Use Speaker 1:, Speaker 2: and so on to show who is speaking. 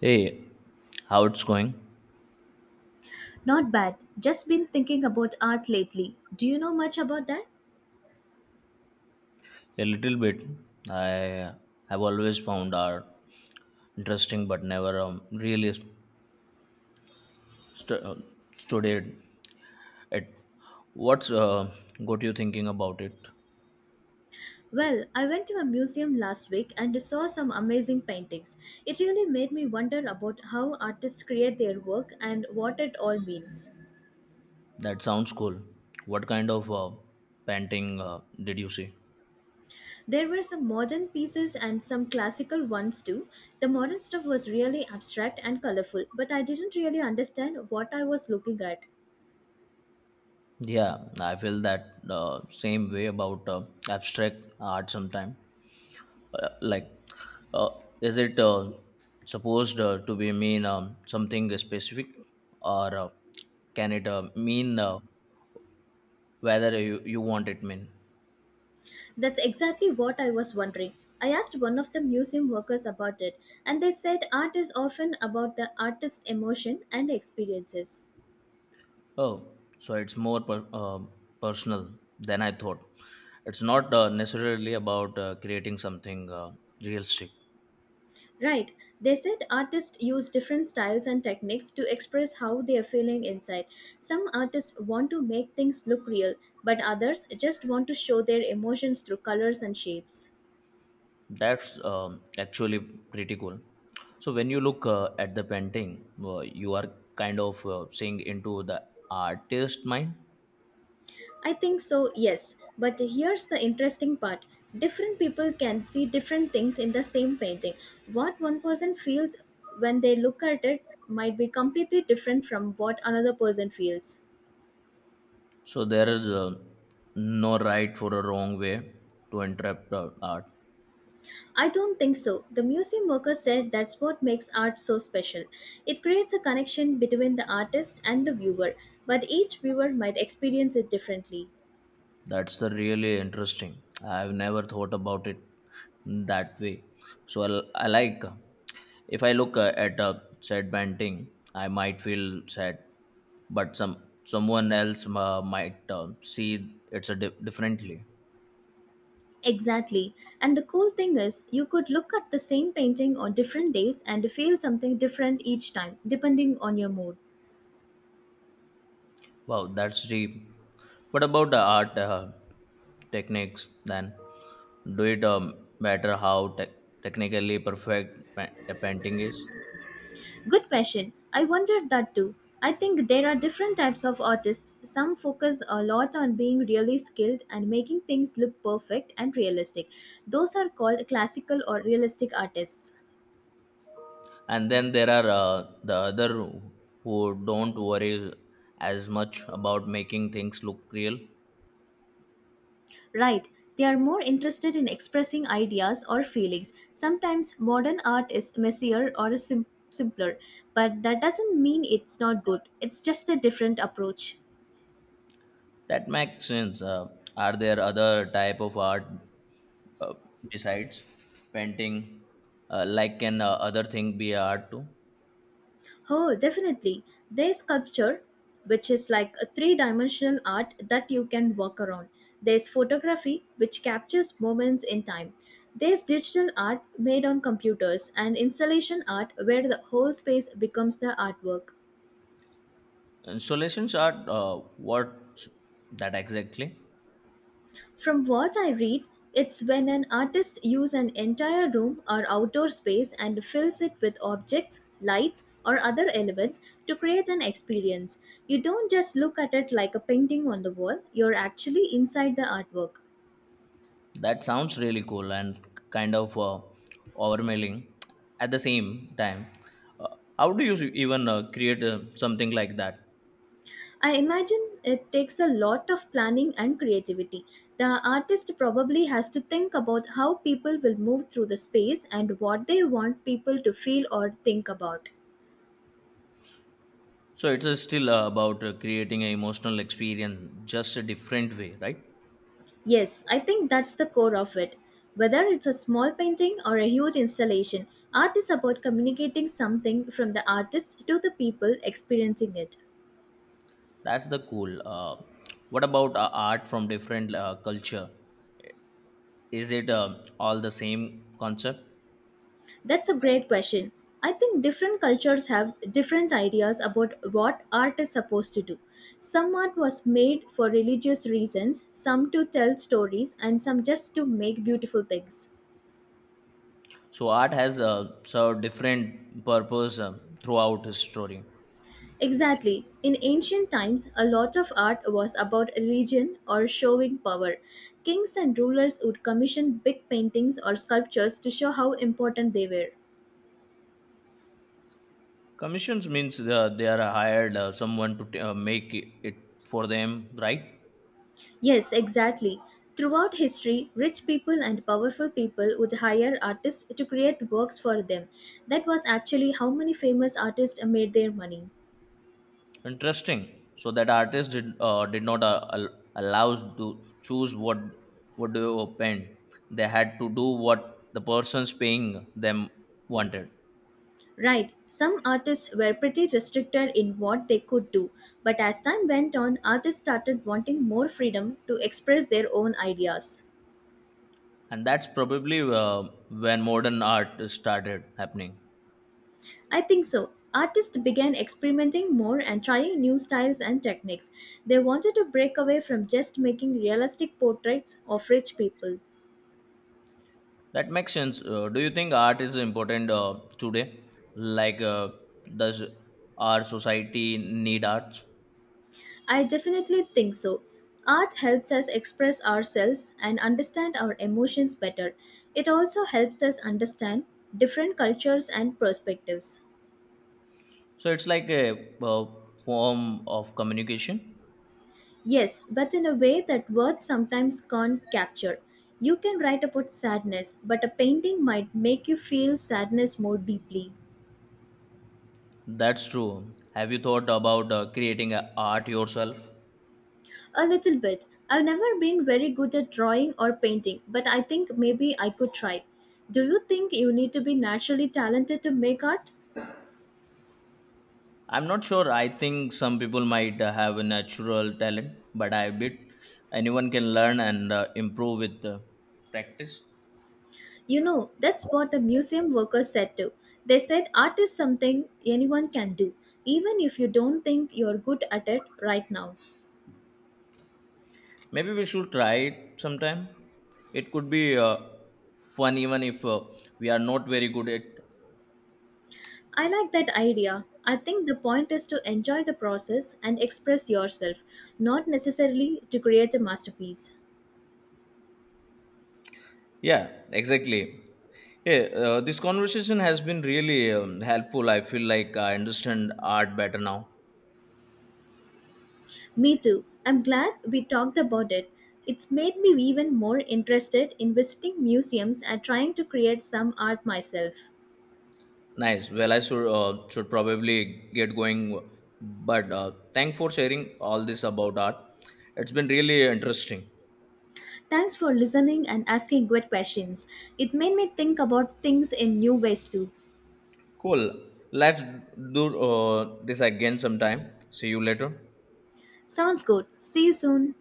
Speaker 1: Hey, how it's going?
Speaker 2: Not bad. Just been thinking about art lately. Do you know much about that?
Speaker 1: A little bit. I have always found art interesting, but never really stu- uh, studied it. What's got you thinking about it?
Speaker 2: Well, I went to a museum last week and saw some amazing paintings. It really made me wonder about how artists create their work and what it all means.
Speaker 1: That sounds cool. What kind of painting did you see?
Speaker 2: There were some modern pieces and some classical ones too. The modern stuff was really abstract and colorful, but I didn't really understand what I was looking at.
Speaker 1: Yeah, I feel that same way about abstract art sometime. uh, like uh, is it supposed to be mean something specific or can it mean whether you want it mean.
Speaker 2: That's exactly what I was wondering. I asked one of the museum workers about it, and they said art is often about the artist's emotion and experiences.
Speaker 1: Oh, so it's more personal than I thought. It's not necessarily about creating something realistic.
Speaker 2: Right, they said artists use different styles and techniques to express how they are feeling inside. Some artists want to make things look real, but others just want to show their emotions through colors and shapes.
Speaker 1: That's Actually pretty cool. So when you look at the painting you are kind of seeing into the artist mind.
Speaker 2: I think so, yes. But here's the interesting part, different people can see different things in the same painting. What one person feels when they look at it might be completely different from what another person feels.
Speaker 1: So there is no right for a wrong way to interpret art.
Speaker 2: I don't think so. The museum worker said that's what makes art so special. It creates a connection between the artist and the viewer, but each viewer might experience it differently.
Speaker 1: That's the really interesting. I've never thought about it that way. I like if I look at a sad painting, I might feel sad, but someone else might see it's a differently.
Speaker 2: Exactly. And the cool thing is, you could look at the same painting on different days and feel something different each time, depending on your mood.
Speaker 1: Wow, that's deep. What about the art techniques then? Do it matter how technically perfect a painting is?
Speaker 2: Good question. I wondered that too. I think there are different types of artists. Some focus a lot on being really skilled and making things look perfect and realistic. Those are called classical or realistic artists.
Speaker 1: And then there are the other who don't worry as much about making things look real.
Speaker 2: Right, they are more interested in expressing ideas or feelings. Sometimes modern art is messier or simpler, but that doesn't mean it's not good. It's just a different approach.
Speaker 1: That makes sense. Are there other type of art uh, besides painting? Like can other thing be art too?
Speaker 2: Oh, definitely. There's sculpture, which is like a three dimensional art that you can walk around. There's photography, which captures moments in time. There's digital art made on computers and installation art where the whole space becomes the artwork.
Speaker 1: Installations are what that exactly?
Speaker 2: From what I read, it's when an artist uses an entire room or outdoor space and fills it with objects, lights, or other elements to create an experience. You don't just look at it like a painting on the wall, you're actually inside the artwork.
Speaker 1: That sounds really cool and kind of overwhelming at the same time. Uh, how do you even create something like that?
Speaker 2: I imagine it takes a lot of planning and creativity. The artist probably has to think about how people will move through the space and what they want people to feel or think about.
Speaker 1: So it's still about creating an emotional experience, just a different way, right?
Speaker 2: Yes, I think that's the core of it. Whether it's a small painting or a huge installation, art is about communicating something from the artist to the people experiencing it.
Speaker 1: That's the cool. What about art from different culture? Is it all the same concept?
Speaker 2: That's a great question. I think different cultures have different ideas about what art is supposed to do. Some art was made for religious reasons, some to tell stories, and some just to make beautiful things.
Speaker 1: So art has served different purpose throughout his story.
Speaker 2: Exactly. In ancient times, a lot of art was about religion or showing power. Kings and rulers would commission big paintings or sculptures to show how important they were.
Speaker 1: Commissions means they are hired someone to make it for them, right?
Speaker 2: Yes, exactly. Throughout history, rich people and powerful people would hire artists to create works for them. That was actually how many famous artists made their money.
Speaker 1: Interesting. So that artist did not allows to choose what do you paint. They had to do what the persons paying them wanted,
Speaker 2: Right, some artists were pretty restricted in what they could do, but as time went on, artists started wanting more freedom to express their own ideas.
Speaker 1: and that's probably when modern art started happening.
Speaker 2: I think so. Artists began experimenting more and trying new styles and techniques. They wanted to break away from just making realistic portraits of rich people.
Speaker 1: That makes sense. Do you think art is important today? Like, does our society need arts?
Speaker 2: I definitely think so. Art helps us express ourselves and understand our emotions better. It also helps us understand different cultures and perspectives.
Speaker 1: So it's like a, form of communication.
Speaker 2: Yes, but in a way that words sometimes can't capture. You can write about sadness, but a painting might make you feel sadness more deeply.
Speaker 1: That's true. Have you thought about creating a art yourself?
Speaker 2: A little bit. I've never been very good at drawing or painting, but I think maybe I could try. Do you think you need to be naturally talented to make art?
Speaker 1: I'm not sure. I think some people might have a natural talent, but I bet anyone can learn and improve with practice.
Speaker 2: You know, that's what the museum workers said too. They said art is something anyone can do, even if you don't think you're good at it right now.
Speaker 1: Maybe we should try it sometime. It could be fun even if we are not very good at.
Speaker 2: I like that idea. I think the point is to enjoy the process and express yourself, not necessarily to create a masterpiece.
Speaker 1: Yeah, exactly. Yeah, this conversation has been really helpful. I feel like I understand art better now.
Speaker 2: Me too. I'm glad we talked about it. It's made me even more interested in visiting museums and trying to create some art myself.
Speaker 1: Nice. Well, I should probably get going, but thanks for sharing all this about art. It's been really interesting.
Speaker 2: Thanks for listening and asking good questions. It made me think about things in new ways too.
Speaker 1: Cool. Let's do this again sometime. See you later.
Speaker 2: Sounds good. See you soon.